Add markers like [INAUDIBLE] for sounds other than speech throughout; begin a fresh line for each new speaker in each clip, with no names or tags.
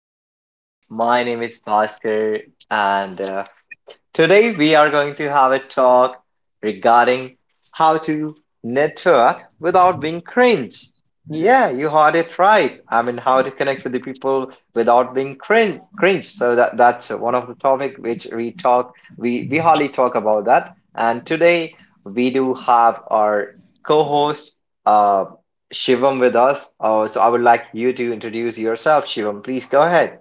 Everyone. My name is Bhaskar, and today, we are going to have a talk regarding how to network without being cringe. Yeah, you heard it right. I mean, how to connect with the people without being cringe. So that's one of the topic which we talk. We hardly talk about that. And today we do have our co-host uh, Shivam with us. So I would like you to introduce yourself, Shivam. Please go ahead.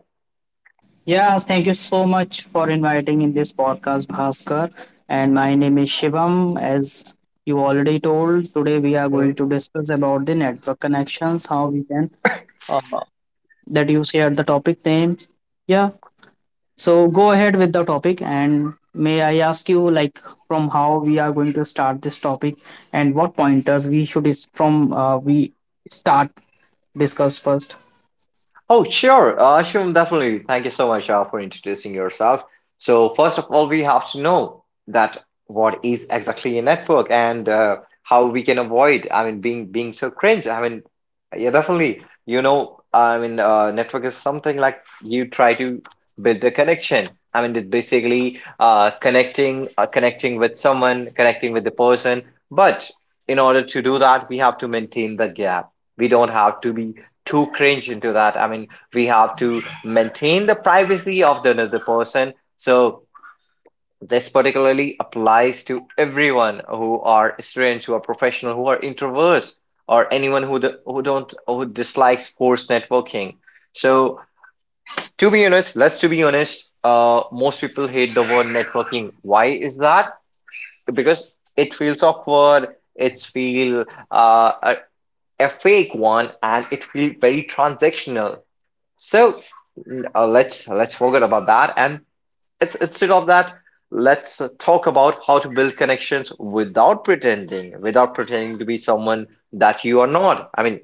Yeah, thank you so much for inviting in this podcast, Bhaskar. And my name is Shivam. As you already told, today we are going to discuss about the network connections, how we can uh, that you shared the topic name. Yeah, so go ahead with the topic, and may I ask you, like, from how we are going to start this topic, and what pointers we should is from we start discuss first.
Oh, sure. Shivam, definitely. Thank you so much for introducing yourself. So, first of all, we have to know that what is exactly a network and how we can avoid, I mean, being so cringe. I mean, yeah, definitely. I mean, network is something like you try to build a connection. I mean, it's basically connecting with someone, connecting with the person. But in order to do that, we have to maintain the gap. We don't have to be too cringe into that. I mean, we have to maintain the privacy of the another person. So this particularly applies to everyone who are students, who are professional, who are introverts, or anyone who do, who don't who dislikes forced networking. So to be honest, most people hate the word networking. Why is that? Because it feels awkward. It's feel uh, a, a fake one, and it feels very transactional. So let's forget about that, and instead of that, let's talk about how to build connections without pretending, without pretending to be someone that you are not. I mean,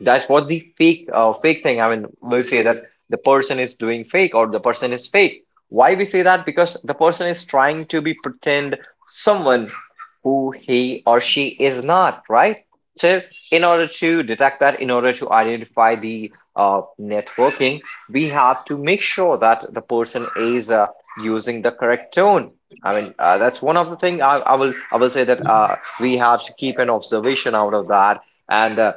that's what the fake thing. I mean, we say that the person is doing fake or the person is fake. Why we say that? Because the person is trying to be pretend someone who he or she is not, right? So, in order to detect that, in order to identify the networking, we have to make sure that the person is using the correct tone. I mean, that's one of the thing I will say that we have to keep an observation out of that, and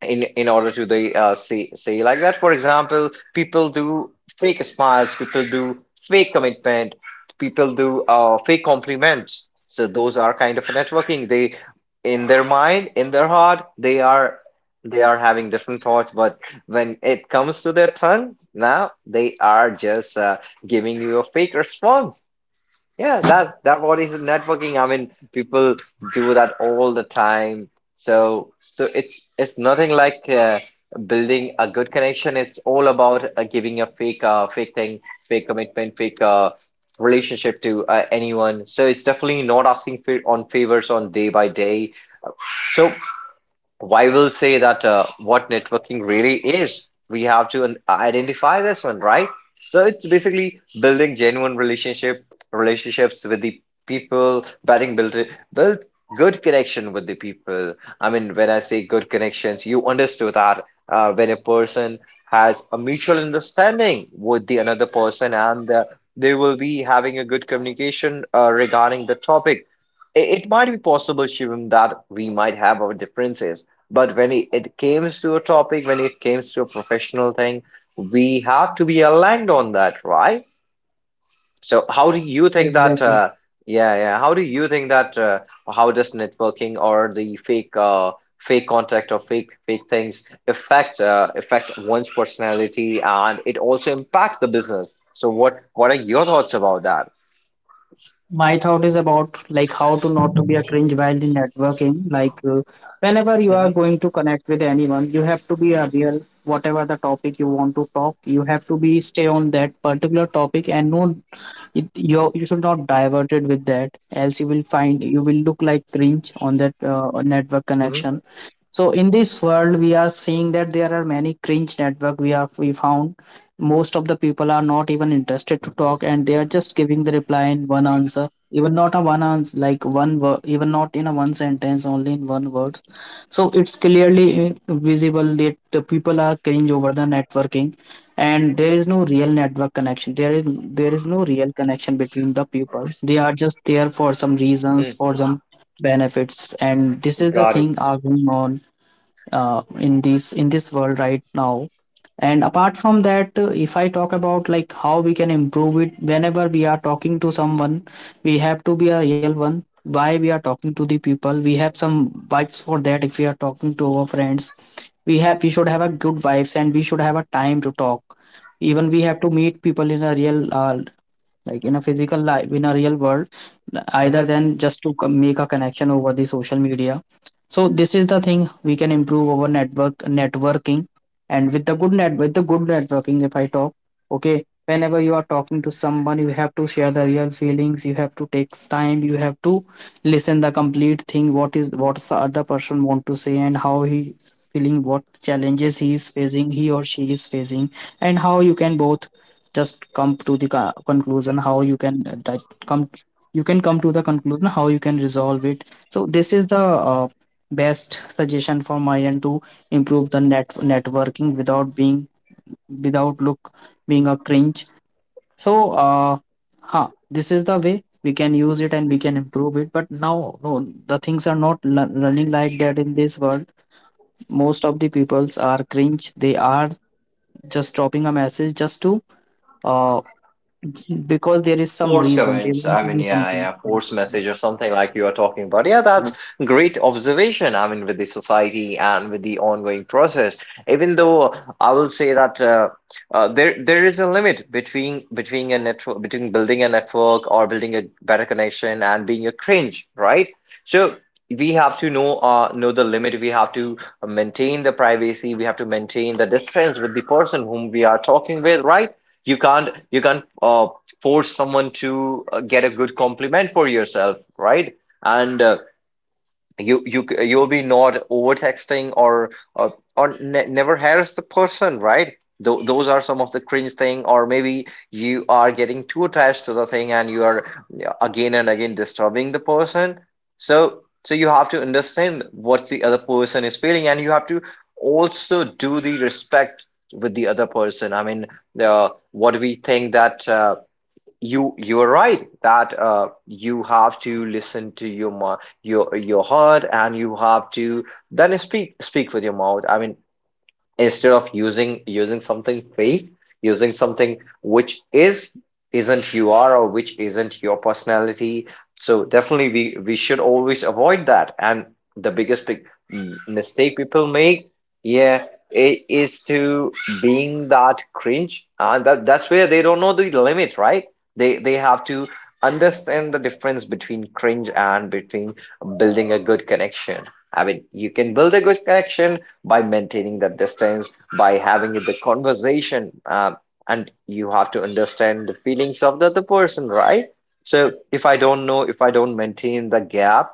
in order to they say like that. For example, people do fake smiles, people do fake commitment, people do fake compliments. So those are kind of networking. They in their mind, in their heart, they are having different thoughts, but when it comes to their tongue, now they are just giving you a fake response. Yeah, that what is networking. I mean, people do that all the time. So it's nothing like building a good connection. It's all about giving a fake thing, fake commitment, fake relationship to anyone. So it's definitely not asking for on favors on day by day. So I will say that what networking really is, we have to identify this one, right? So it's basically building genuine relationships with the people, building build build good connection with the people. I mean, when I say good connections, you understood that, when a person has a mutual understanding with the another person, and they will be having a good communication regarding the topic. It might be possible, Shivam, that we might have our differences, but when it comes to a topic, when it comes to a professional thing, we have to be aligned on that, right? So how do you think that,
Exactly.
Yeah, yeah, how do you think that, how does networking or the fake contact or fake things affect affect one's personality, and it also impact the business? So what are your thoughts about that?
My thought is about like how to not to be a cringe while in networking, like whenever you are
Mm-hmm.
going to connect with anyone, you have to be a real. Whatever the topic you want to talk, you have to be stay on that particular topic and no it, you should not divert it with that, else you will find you will look like cringe on that network
Mm-hmm.
connection. So in this world, we are seeing that there are many cringe network. We found most of the people are not even interested to talk, and they are just giving the reply in one answer, even not a one answer, like one word, even not in a one sentence, only in one word. So it's clearly visible that the people are cringe over the networking, and there is no real network connection. There is no real connection between the people. They are just there for some reasons,
Mm.
for some benefits, and this is the
Got it.
thing are going on in this world right now. And apart from that, if I talk about like how we can improve it, whenever we are talking to someone, we have to be a real one. Why we are talking to the people, we have some vibes for that. If we are talking to our friends, we have we should have a good vibes and we should have a time to talk. Even we have to meet people in a real like in a physical life, in a real world, either
Mhm.
than just to make a connection over the social media. So this is the thing we can improve our network networking. And with the good net with the good networking, if I talk, okay, whenever you are talking to someone, you have to share the real feelings. You have to take time. You have to listen the complete thing, what is what the other person want to say, and how he feeling, what challenges he is facing, he or she is facing, and how you can both just come to the conclusion, how you can that come you can come to the conclusion, how you can resolve it. So this is the best suggestion for my end to improve the net networking without being, without look, being a cringe. So this is the way we can use it and we can improve it. But now no, the things are not running like that in this world. Most of the peoples are cringe. They are just dropping a message just to uh because there is some
Force
reason they
comments.
want
I
to
mean,
do
yeah,
something.
yeah, force
Yes,
message
yes,
or something like you are talking about. Yeah, that's
yes.
great observation. I mean, with the society and with the ongoing process, even though I will say that there is a limit between between a network between building a network or building a better connection and being a cringe, right? So we have to know the limit. We have to maintain the privacy. We have to maintain the distance with the person whom we are talking with, right? You can't force someone to get a good compliment for yourself, right? And you'll be not over texting or never harass the person, right? Those are some of the cringe thing, or maybe you are getting too attached to the thing and you are, yeah, again and again disturbing the person. So you have to understand what the other person is feeling, and you have to also do the respect with the other person. I mean, what we think that. You are right that you have to listen to your heart and you have to then speak with your mouth. I mean, instead of using something fake, using something which is isn't you are, or which isn't your personality. So definitely we should always avoid that, and the biggest big mistake people make, yeah, it is to being that cringe. That's where they don't know the limit, right? They have to understand the difference between cringe and between building a good connection. I mean, you can build a good connection by maintaining that distance, by having the conversation, and you have to understand the feelings of the other person, right? So if I don't know, if I don't maintain the gap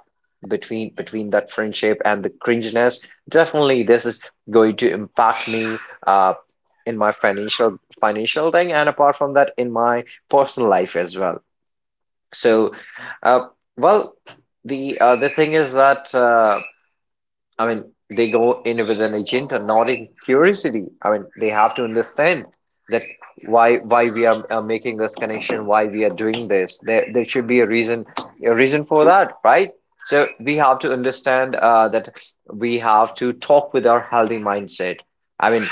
between that friendship and the cringiness, definitely this is going to impact me uh, in my financial thing, and apart from that, in my personal life as well. So, uh, well, the thing is that. I mean, they go in with an agenda, not in curiosity. I mean, they have to understand that why we are making this connection, why we are doing this. There should be a reason for that, right? So we have to understand that we have to talk with our healthy mindset. I mean,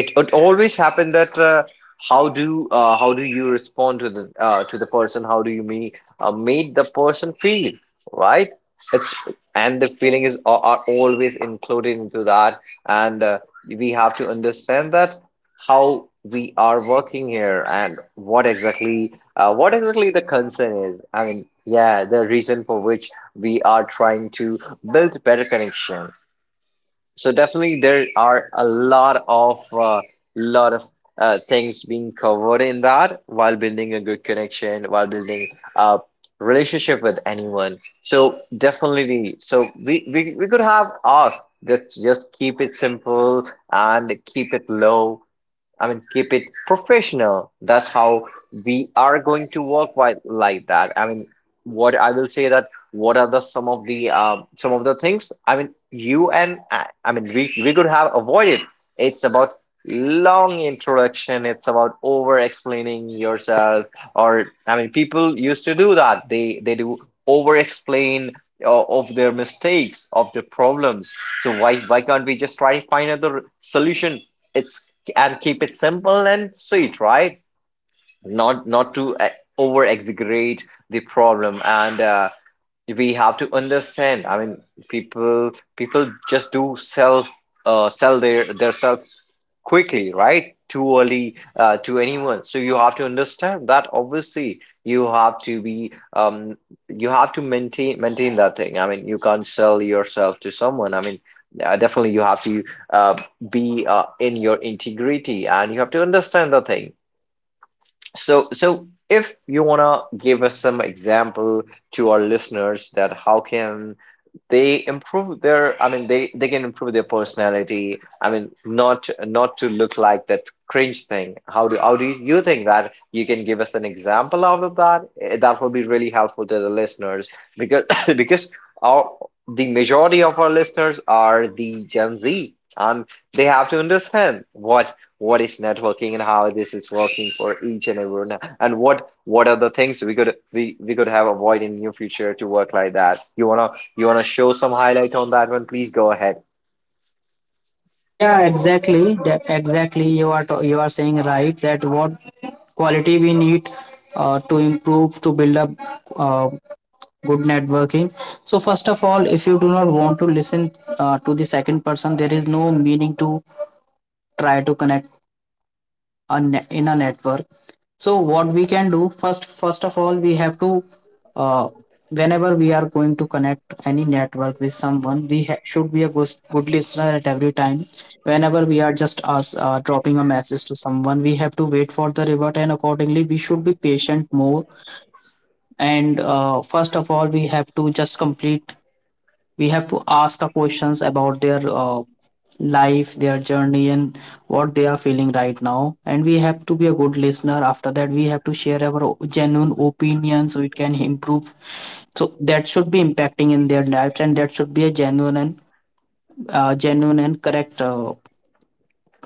it always happened that, how do you respond to the person? How do you me made the person feel, right? It's, and the feeling are always included into that, and we have to understand that how we are working here and what exactly the concern is. I mean, yeah, the reason for which we are trying to build better connection. So definitely, there are a lot of lot of things being covered in that while building a good connection, while building a relationship with anyone. So definitely, we could have us, just keep it simple and keep it low. I mean, keep it professional. That's how we are going to work like that. I mean, what I will say that what are the some of the things? I mean, you and I mean, we could have avoided. It's about long introduction. It's about over explaining yourself. Or I mean, people used to do that. They do over explain of their mistakes, of their problems. So why can't we just try to find another solution? It's, and keep it simple and sweet, right? Not to over exaggerate the problem, and we have to understand. I mean, people people just do self sell their self quickly, right? Too early to anyone. So you have to understand that obviously you have to maintain that thing. I mean, you can't sell yourself to someone. I mean, definitely you have to uh, be in your integrity and you have to understand the thing. So if you wanna give us some example to our listeners, that how can they improve their, I mean, they can improve their personality. I mean, not to look like that cringe thing. How do you think that you can give us an example out of that? That will be really helpful to the listeners because [COUGHS] because our the majority of our listeners are the Gen Z, and they have to understand what is networking and how this is working for each and everyone, and what are the things we could have avoid in near future to work like that. You want to show some highlight on that one? Please go ahead.
Yeah, exactly that. Exactly you are to, you are saying right, that what quality we need to improve, to build up uh, good networking. So first of all, if you do not want to listen to the second person, there is no meaning to try to connect a in a network. So what we can do, first, first of all, we have to uh, whenever we are going to connect any network with someone, we should be a good, good listener at every time. Whenever we are just us dropping a message to someone, we have to wait for the revert, and accordingly we should be patient more. And first of all, we have to just complete, we have to ask the questions about their life, their journey, and what they are feeling right now, and we have to be a good listener. After that we have to share our genuine opinion, so it can improve. So that should be impacting in their lives, and that should be a genuine and genuine and correct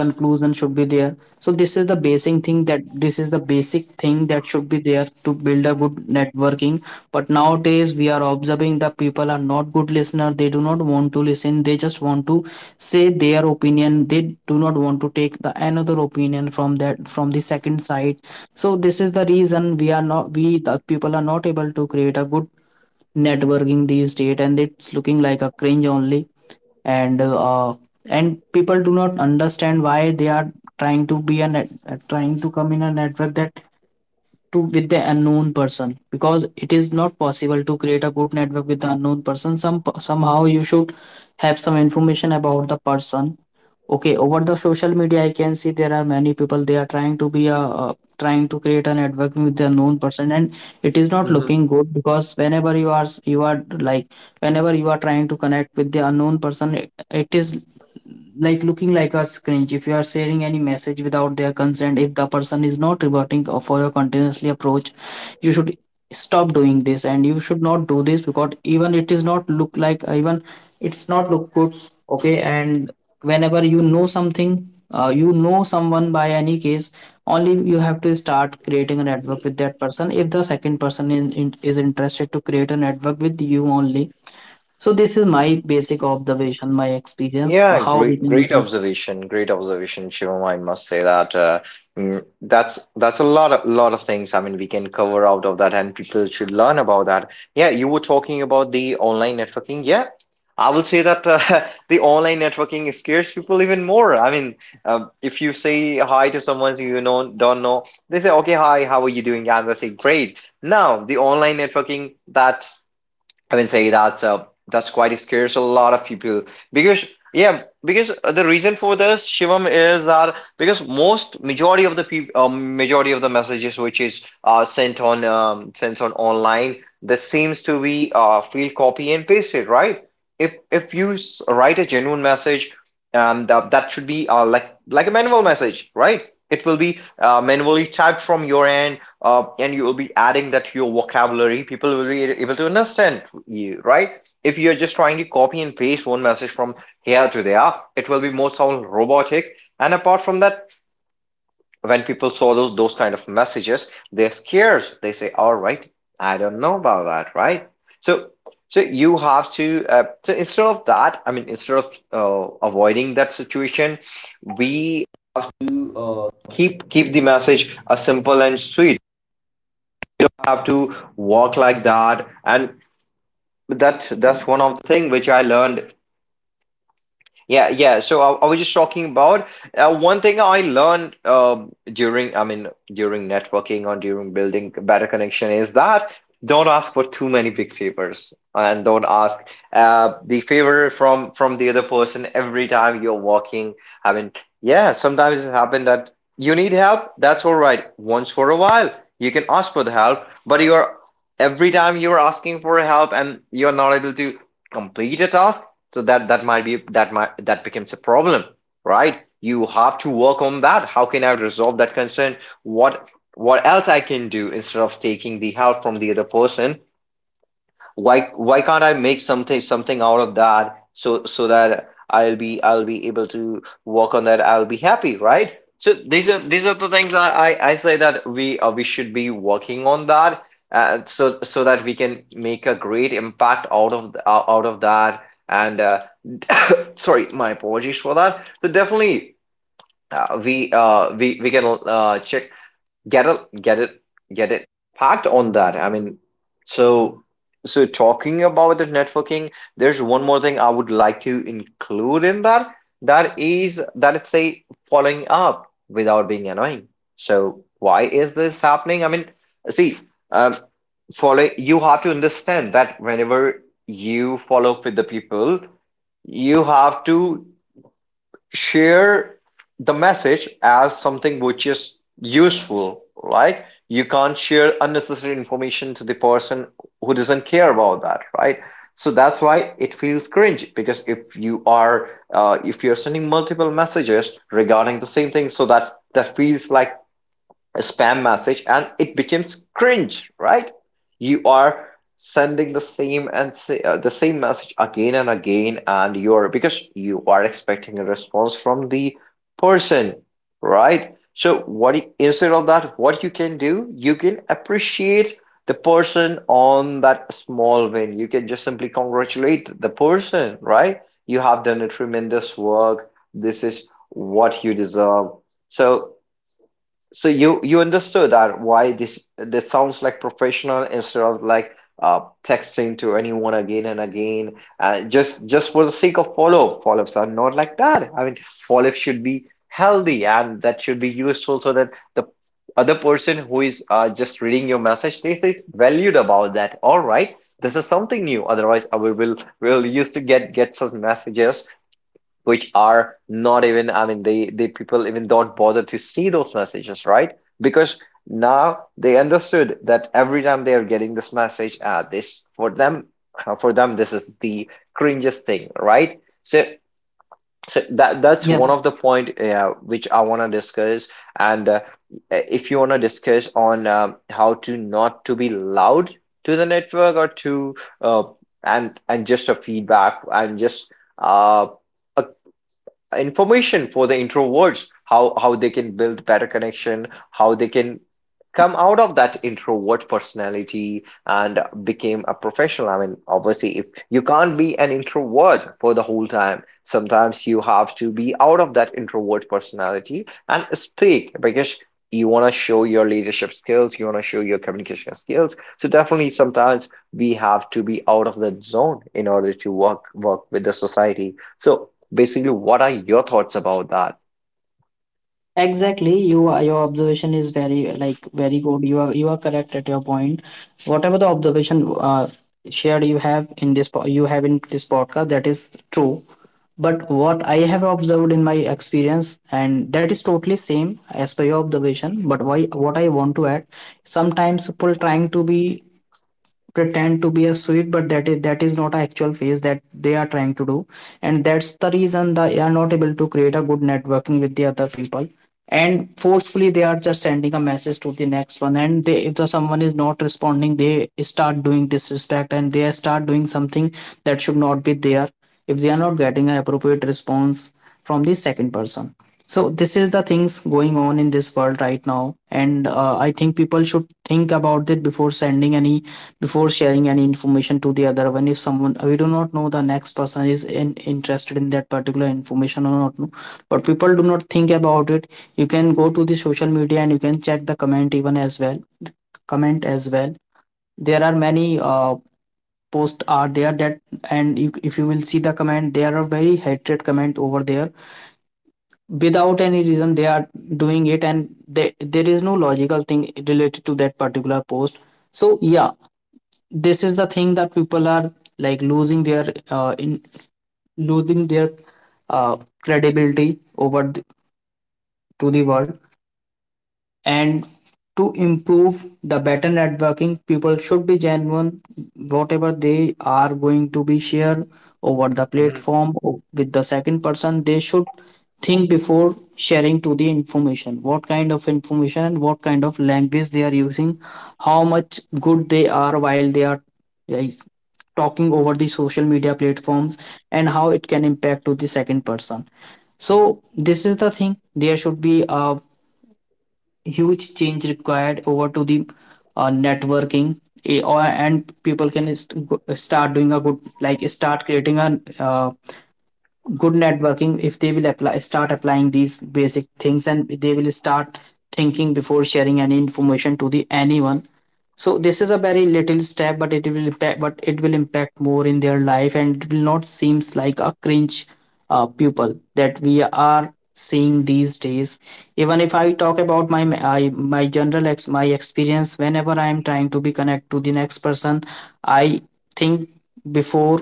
conclusion should be there. So this is the basic thing, that this is the basic thing that should be there to build a good networking. But nowadays we are observing the people are not good listener. They do not want to listen, they just want to say their opinion. They do not want to take the another opinion from that, from the second side. So this is the reason we are not we the people are not able to create a good networking these days, and it's looking like a cringe only. And and people do not understand why they are trying to be a net, trying to come in a network that to with the unknown person, because it is not possible to create a good network with the unknown person. Some, somehow you should have some information about the person. Okay, over the social media I can see there are many people they are trying to be a trying to create a network with the unknown person, and it is not
Hmm,
looking good, because whenever you are, you are like, whenever you are trying to connect with the unknown person, it is like looking like a cringe. If you are sharing any message without their consent, if the person is not reverting for your continuously approach, you should stop doing this, and you should not do this, because even it is not look like even it's not look good. Okay, and whenever you know something you know someone by any case, only you have to start creating a network with that person, if the second person in, is interested to create a network with you only. So this is my basic observation, my experience, for
yeah,
how we
great,
can
great
improve.
observation. Great observation, Shivam. I must say that mm, that's that's a lot of things. I mean, we can cover out of that, and people should learn about that. Yeah, you were talking about the online networking. Yeah, I will say that [LAUGHS] the online networking scares people even more. I mean, if you say hi to someone don't know, they say, "Okay, hi, how are you doing?" And they say, "Great." Now, the online networking that I will say that's quite scares a lot of people because yeah because the reason for this, Shivam, is that because most majority of the people, majority of the messages which is sent on online, this seems to be field, copy and pasted, right? If you write a genuine message, that should be like a manual message, right? It will be manually typed from your end, and you will be adding that to your vocabulary. People will be able to understand you, right? If you're just trying to copy and paste one message from here to there, it will be more sound robotic. And apart from that, when people saw those kind of messages, they're scared. They say, "All right, I don't know about that," right? So, so you have to. So instead of that, I mean, instead of avoiding that situation, we Yeah, yeah. So I was just talking about one thing I learned during, I mean, during networking or during building a better connection, is that don't ask for too many big favors and don't ask the favor from the other person every time you're walking. I mean, yeah, sometimes it happened that you need help. That's all right. Once for a while, you can ask for the help, but you're every time you're asking for help and you're not able to complete a task, so that might that becomes a problem, right? You have to work on that. How can I resolve that concern? What else I can do instead of taking the help from the other person? Why can't I make something out of that, so that I'll be able to work on that. I'll be happy, right? So these are the things I say that we, we should be working on that, so that we can make a great impact out of out of that. And [COUGHS] sorry, my apologies for that. So definitely, we we can check, get it get it packed on that, I mean, so so talking about the networking, there's one more thing I would like to include in that. That is that it's a following up without being annoying. So why is this happening? I mean, see, um follow, you have to understand that whenever you follow with the people, you have to share the message as something which is useful, right? You can't share unnecessary information to the person who doesn't care about that, right? So that's why it feels cringe, because if you are if you're sending multiple messages regarding the same thing, so that feels like a spam message and it becomes cringe, right? You are sending the same and say, the same message again and again, and you're, because you are expecting a response from the person, right? So what you- instead of that, what you can do, you can appreciate the person on that small win. You can just simply congratulate the person, right? You have done a tremendous work, this is what you deserve. So so you understood that why this this sounds like professional instead of like texting to anyone again and again, just for the sake of follow, follow-ups are not like that, I mean, follow-up should be healthy and that should be useful, so that the other person who is just reading your message, they feel valued about that. All right, this is something new, otherwise we will used to get some messages which are not even, I mean, they people even don't bother to see those messages, right? Because now they understood that every time they are getting this message, this for them this is the cringiest thing, right? So so that that's one
Yes,
of the point which I want to discuss. And if you want to discuss on, how to not to be loud to the network or to, uh, and just a feedback and just uh, a information for the introverts, how they can build better connection, how they can come out of that introvert personality and became a professional. I mean, obviously if you can't be an introvert for the whole time, sometimes you have to be out of that introvert personality and speak, because you want to show your leadership skills, you want to show your communication skills, so definitely sometimes we have to be out of that zone in order to work with the society. So basically, what are your thoughts about that?
exactly. You are, your observation is very like very good. You are correct at your point. Whatever the observation shared you have in this you have in this podcast, that is true. But what I have observed in my experience, and that is totally same as per your observation. But why what I want to add, sometimes people trying to be pretend to be a sweet, but that is, that is not a actual phase that they are trying to do, and that's the reason they are not able to create a good networking with the other people. And forcefully they are just sending a message to the next one, and they, if the someone is not responding, they start doing disrespect and they start doing something that should not be there, if they are not getting an appropriate response from the second person. So this is the things going on in this world right now. And I think people should think about it before sending any, before sharing any information to the other one, if someone, we do not know the next person is in, interested in that particular information or not, no. But people do not think about it. You can go to the social media and you can check the comment even as well, comment as well. There are many posts are there that, and you, if you will see the comment, there are very hatred comment over there without any reason they are doing it. And they, there is no logical thing related to that particular post. So yeah, this is the thing, that people are like losing their in losing their uh, credibility over the, to the world. And to improve the better networking, people should be genuine, whatever they are going to be share over the
Mhm.
platform with the second person. They should think before sharing to the information, what kind of information and what kind of language they are using, how much good they are while they are is talking over the social media platforms, and how it can impact to the second person. So this is the thing, there should be a huge change required over to the networking, eh, or and people can start doing a good, like start creating a good networking, if they will apply start applying these basic things, and they will start thinking before sharing any information to the anyone. So this is a very little step, but it will impact, but it will impact more in their life, and it will not seems like a cringe pupil that we are seeing these days. Even if I talk about my I, my general ex my experience, whenever I am trying to be connect to the next person, I think before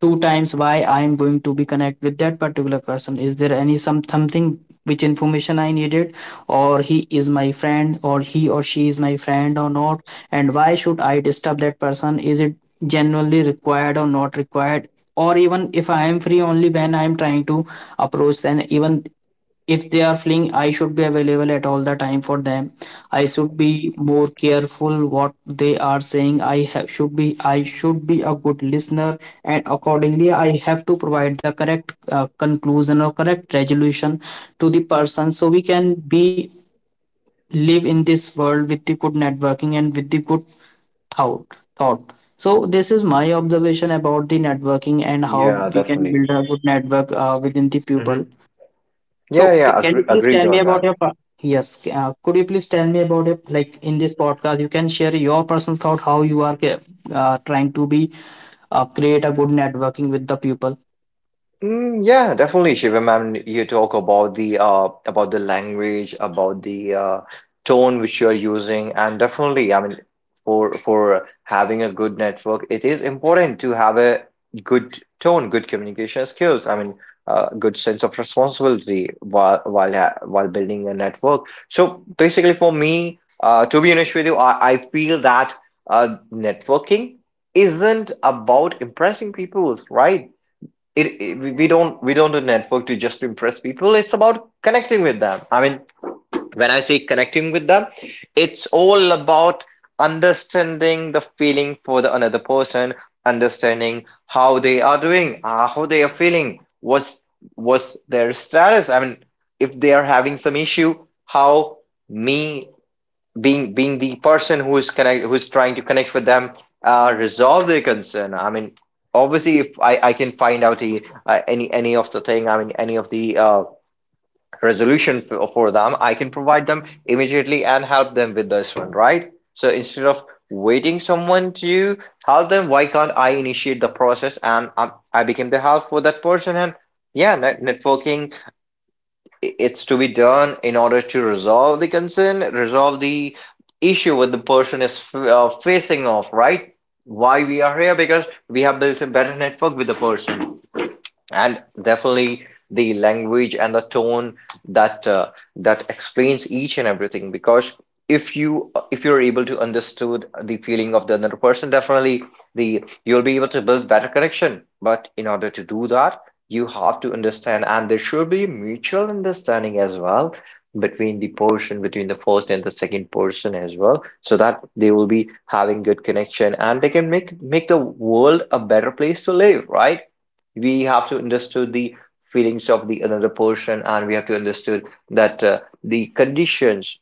two times why I am going to be connect with that particular person. Is there any something, which information I needed, or he is my friend or he or she is my friend or not? And why should I disturb that person? Is it genuinely required or not required? Or even if I am free only when I am trying to approach, then even if they are fleeing I should be available at all the time for them. I should be more careful what they are saying. I should be a good listener and accordingly I have to provide the correct conclusion or correct resolution to the person, so we can be live in this world with the good networking and with the good thought thought. So this is my observation about the networking and how
Yeah,
we can
definitely.
build a good network within the people.
Mhm.
So
Yeah, yeah,
can
agree,
you please
agreed
tell me
on
about
that.
your yes, could you please tell me about it, like in this podcast you can share your personal thought how you are trying to be create a good networking with the people.
Mm, yeah, definitely, Shivam. And you talk about the language, about the tone which you are using. And definitely, I mean, for having a good network, it is important to have a good tone, good communication skills. I mean, good sense of responsibility while ha while building a network. So basically, for me, to be honest with you, I feel that networking isn't about impressing people, right? We don't do network to just impress people. It's about connecting with them. I mean, when I say connecting with them, it's all about understanding the feeling for the another person, understanding how they are doing, how they are feeling, what's their status. I mean, if they are having some issue, how me being the person who is connect, who's trying to connect with them, resolve their concern. I mean, obviously if I can find out a, any of the thing, I mean, any of the resolution for them, I can provide them immediately and help them with this one, right? So instead of waiting someone to help them, why can't I initiate the process, and I became the help for that person. And yeah, networking, it's to be done in order to resolve the concern, resolve the issue what the person is facing off, right? Why we are here, because we have built a better network with the person. And definitely the language and the tone that explains each and everything, because if you if you're able to understood the feeling of the another person, definitely the you'll be able to build better connection. But in order to do that, you have to understand, and there should be mutual understanding as well, between the person, between the first and the second person as well, so that they will be having good connection and they can make the world a better place to live, right? We have to understood the feelings of the another person, and we have to understood that the conditions,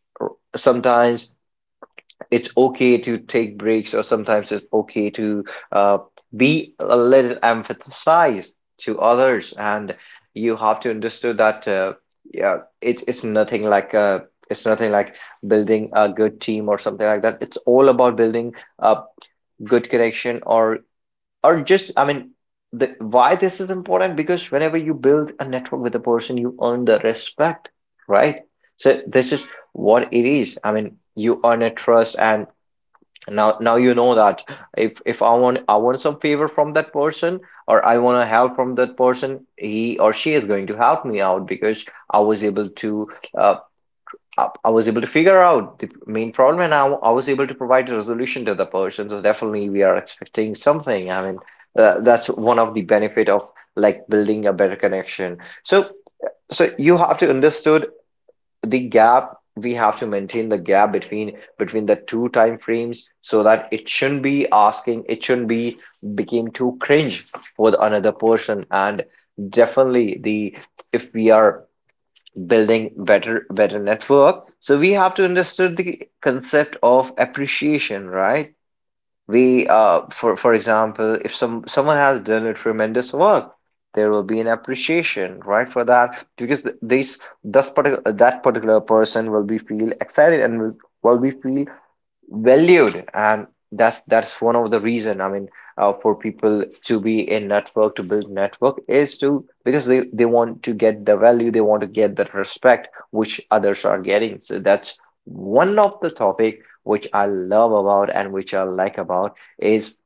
sometimes it's okay to take breaks, or sometimes it's okay to uh, be a little emphasized to others. And you have to understand that, yeah, it's nothing like it's nothing like building a good team or something like that. It's all about building a good connection, or just, I mean, the why this is important, because whenever you build a network with a person, you earn the respect, right? So this is what it is. I mean, you earn a trust, and now you know that if I want, I want some favor from that person, or I want to help from that person, he or she is going to help me out, because I was able to, uh, I was able to figure out the main problem, and I was able to provide a resolution to the person. So definitely we are expecting something. I mean, that's one of the benefit of like building a better connection. So so you have to understood the gap. We have to maintain the gap between the two time frames, so that it shouldn't be asking, it shouldn't be became too cringe for the another person. And definitely the, if we are building better network, so we have to understand the concept of appreciation, right? We for example, if someone has done a tremendous work, there will be an appreciation, right, for that, because this particular, that particular person will be feel excited and will be feel valued, and that's one of the reason. For people to be in network, to build network, is to because they want to get the value, they want to get the respect which others are getting. So that's one of the topic which I love about and which I like about, is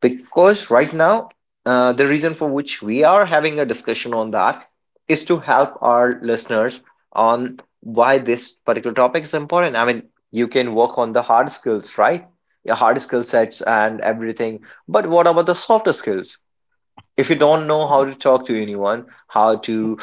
because right now, the reason for which we are having a discussion on that is to help our listeners on why this particular topic is important. I mean, you can work on the hard skills, right, your hard skill sets and everything, but what about the softer skills? If you don't know how to talk to anyone, how to,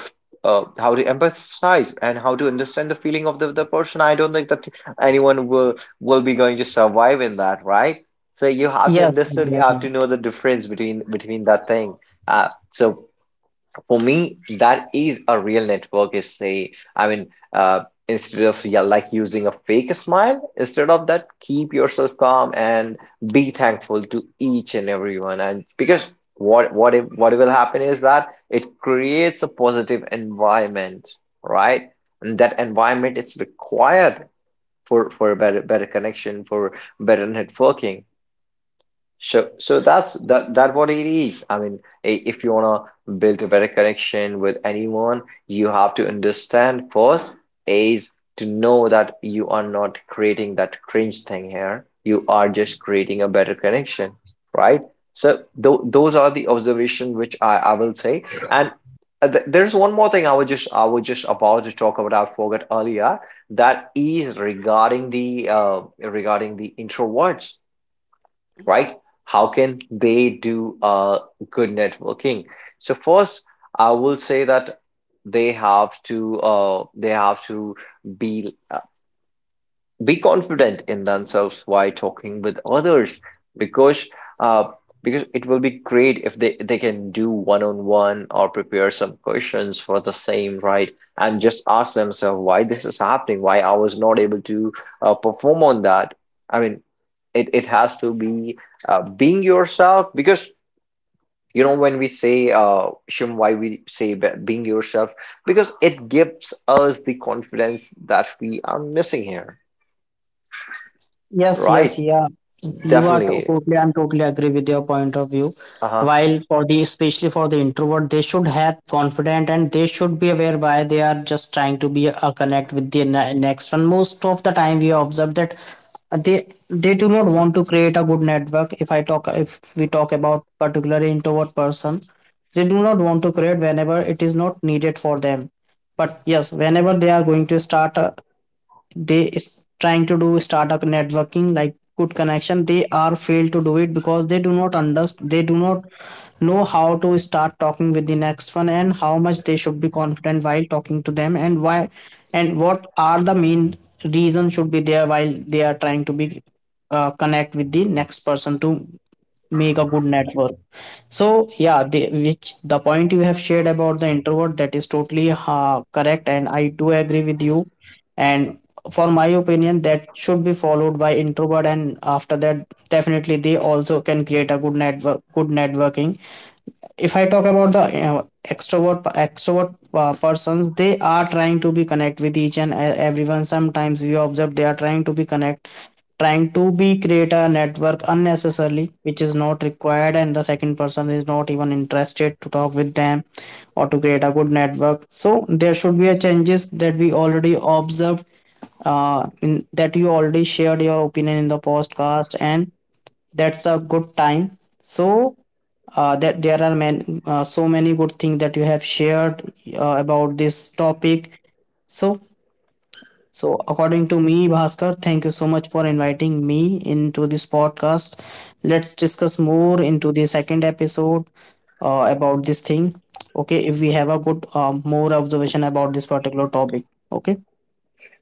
how to empathize and how to understand the feeling of the person, I don't think that anyone will be going to survive in that, right? So you have to
Yes,
understand, you have
exactly.
to know the difference between that thing. So for me, that is a real network, is say. Uh, Instead of, yeah, like using a fake smile, instead of that, keep yourself calm and be thankful to each and everyone. And because what if, what will happen is that it creates a positive environment, right? And that environment is required for a better connection, for better networking. So that's that what it is. I mean, if you wanna build a better connection with anyone, you have to understand first is to know that you are not creating that cringe thing here. You are just creating a better connection, right? So th those are the observation which I will say. And th there's one more thing I was just, I was just about to talk about. I forgot earlier. That is regarding the introverts, right? How can they do good networking? So first, I will say that they have to, they have to be be confident in themselves while talking with others, because uh, because it will be great if they can do one-on-one or prepare some questions for the same, right? And just ask themselves why this is happening, why I was not able to, perform on that. I mean, it has to be, being yourself, because you know when we say, uh, Shim, why we say, being yourself, because it gives us the confidence that we are missing here,
Yes, yes,
right?
yeah. You are
Definitely.
totally, I'm totally agree with your point of view.
Uh-huh.
While for the, especially for the introvert, they should have confident and they should be aware why they are just trying to be a connect with the next one. Most of the time, we observe that they they do not want to create a good network. If I talk, if we talk about particular introvert person, they do not want to create whenever it is not needed for them. But yes, whenever they are going to start. A they is trying to do startup networking like good connection, they are failed to do it because they do not understand, they do not know how to start talking with the next one and how much they should be confident while talking to them, and why and what are the main reasons should be there while they are trying to be connect with the next person to make a good network. So yeah, the, which the point you have shared about the introvert, that is totally correct and I do agree with you. And for my opinion, that should be followed by introvert and after that definitely they also can create a good network, good networking. If I talk about the extrovert persons, they are trying to be connect with each and everyone. Sometimes we observe they are trying to be connect, trying to be create a network unnecessarily, which is not required and the second person is not even interested to talk with them or to create a good network. So there should be a changes that we already observed in that. You already shared your opinion in the podcast, and that's a good time. So that there are so many good things that you have shared about this topic. So, so according to me, Bhaskar, thank you so much for inviting me into this podcast. Let's discuss more into the second episode about this thing, okay, if we have a good more observation about this particular topic. Okay.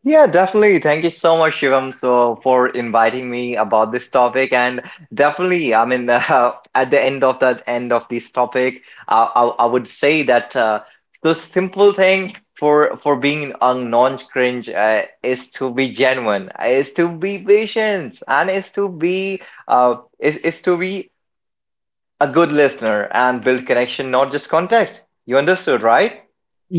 Yeah, definitely. Thank you so much, Shivam, so for inviting me about this topic. And definitely, I mean, [LAUGHS] at the end of that, end of this topic, I would say that, the simple thing for being a non-cringe, is to be genuine, is to be patient, and is to be, is to be a good listener and build connection, not just contact. You understood, right?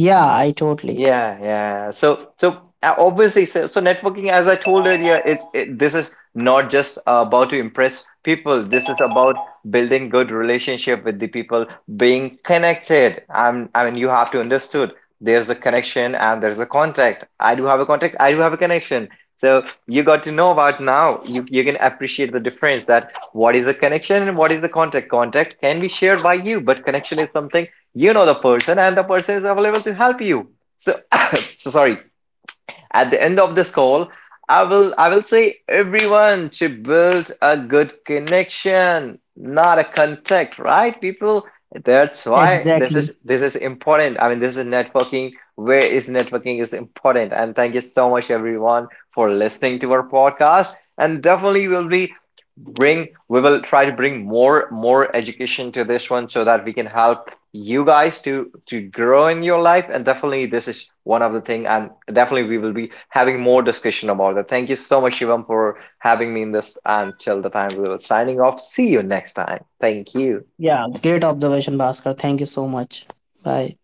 Yeah, I totally.
Yeah, yeah. So obviously, so networking, as I told earlier, it this is not just about to impress people. This is about building good relationship with the people, being connected. I mean, you have to understood. There's a connection and there's a contact. I do have a contact. I do have a connection. So you got to know about now. You can appreciate the difference that what is a connection and what is the contact. Contact can be shared by you, but connection is something, you know the person and the person is available to help you. So, [COUGHS] so sorry. At the end of this call, I will say everyone to build a good connection, not a contact, right, people? That's why this
Exactly.
is this is important. I mean, this is networking. Where is networking is important. And thank you so much, everyone, for listening to our podcast. And definitely, we'll be bring we will try to bring more education to this one, so that we can help you guys to grow in your life. And definitely, this is one of the thing, and definitely we will be having more discussion about that. Thank you so much, Shivam, for having me in this. Until the time we will signing off, see you next time. Thank you.
Yeah, great observation, Bhaskar, thank you so much. Bye.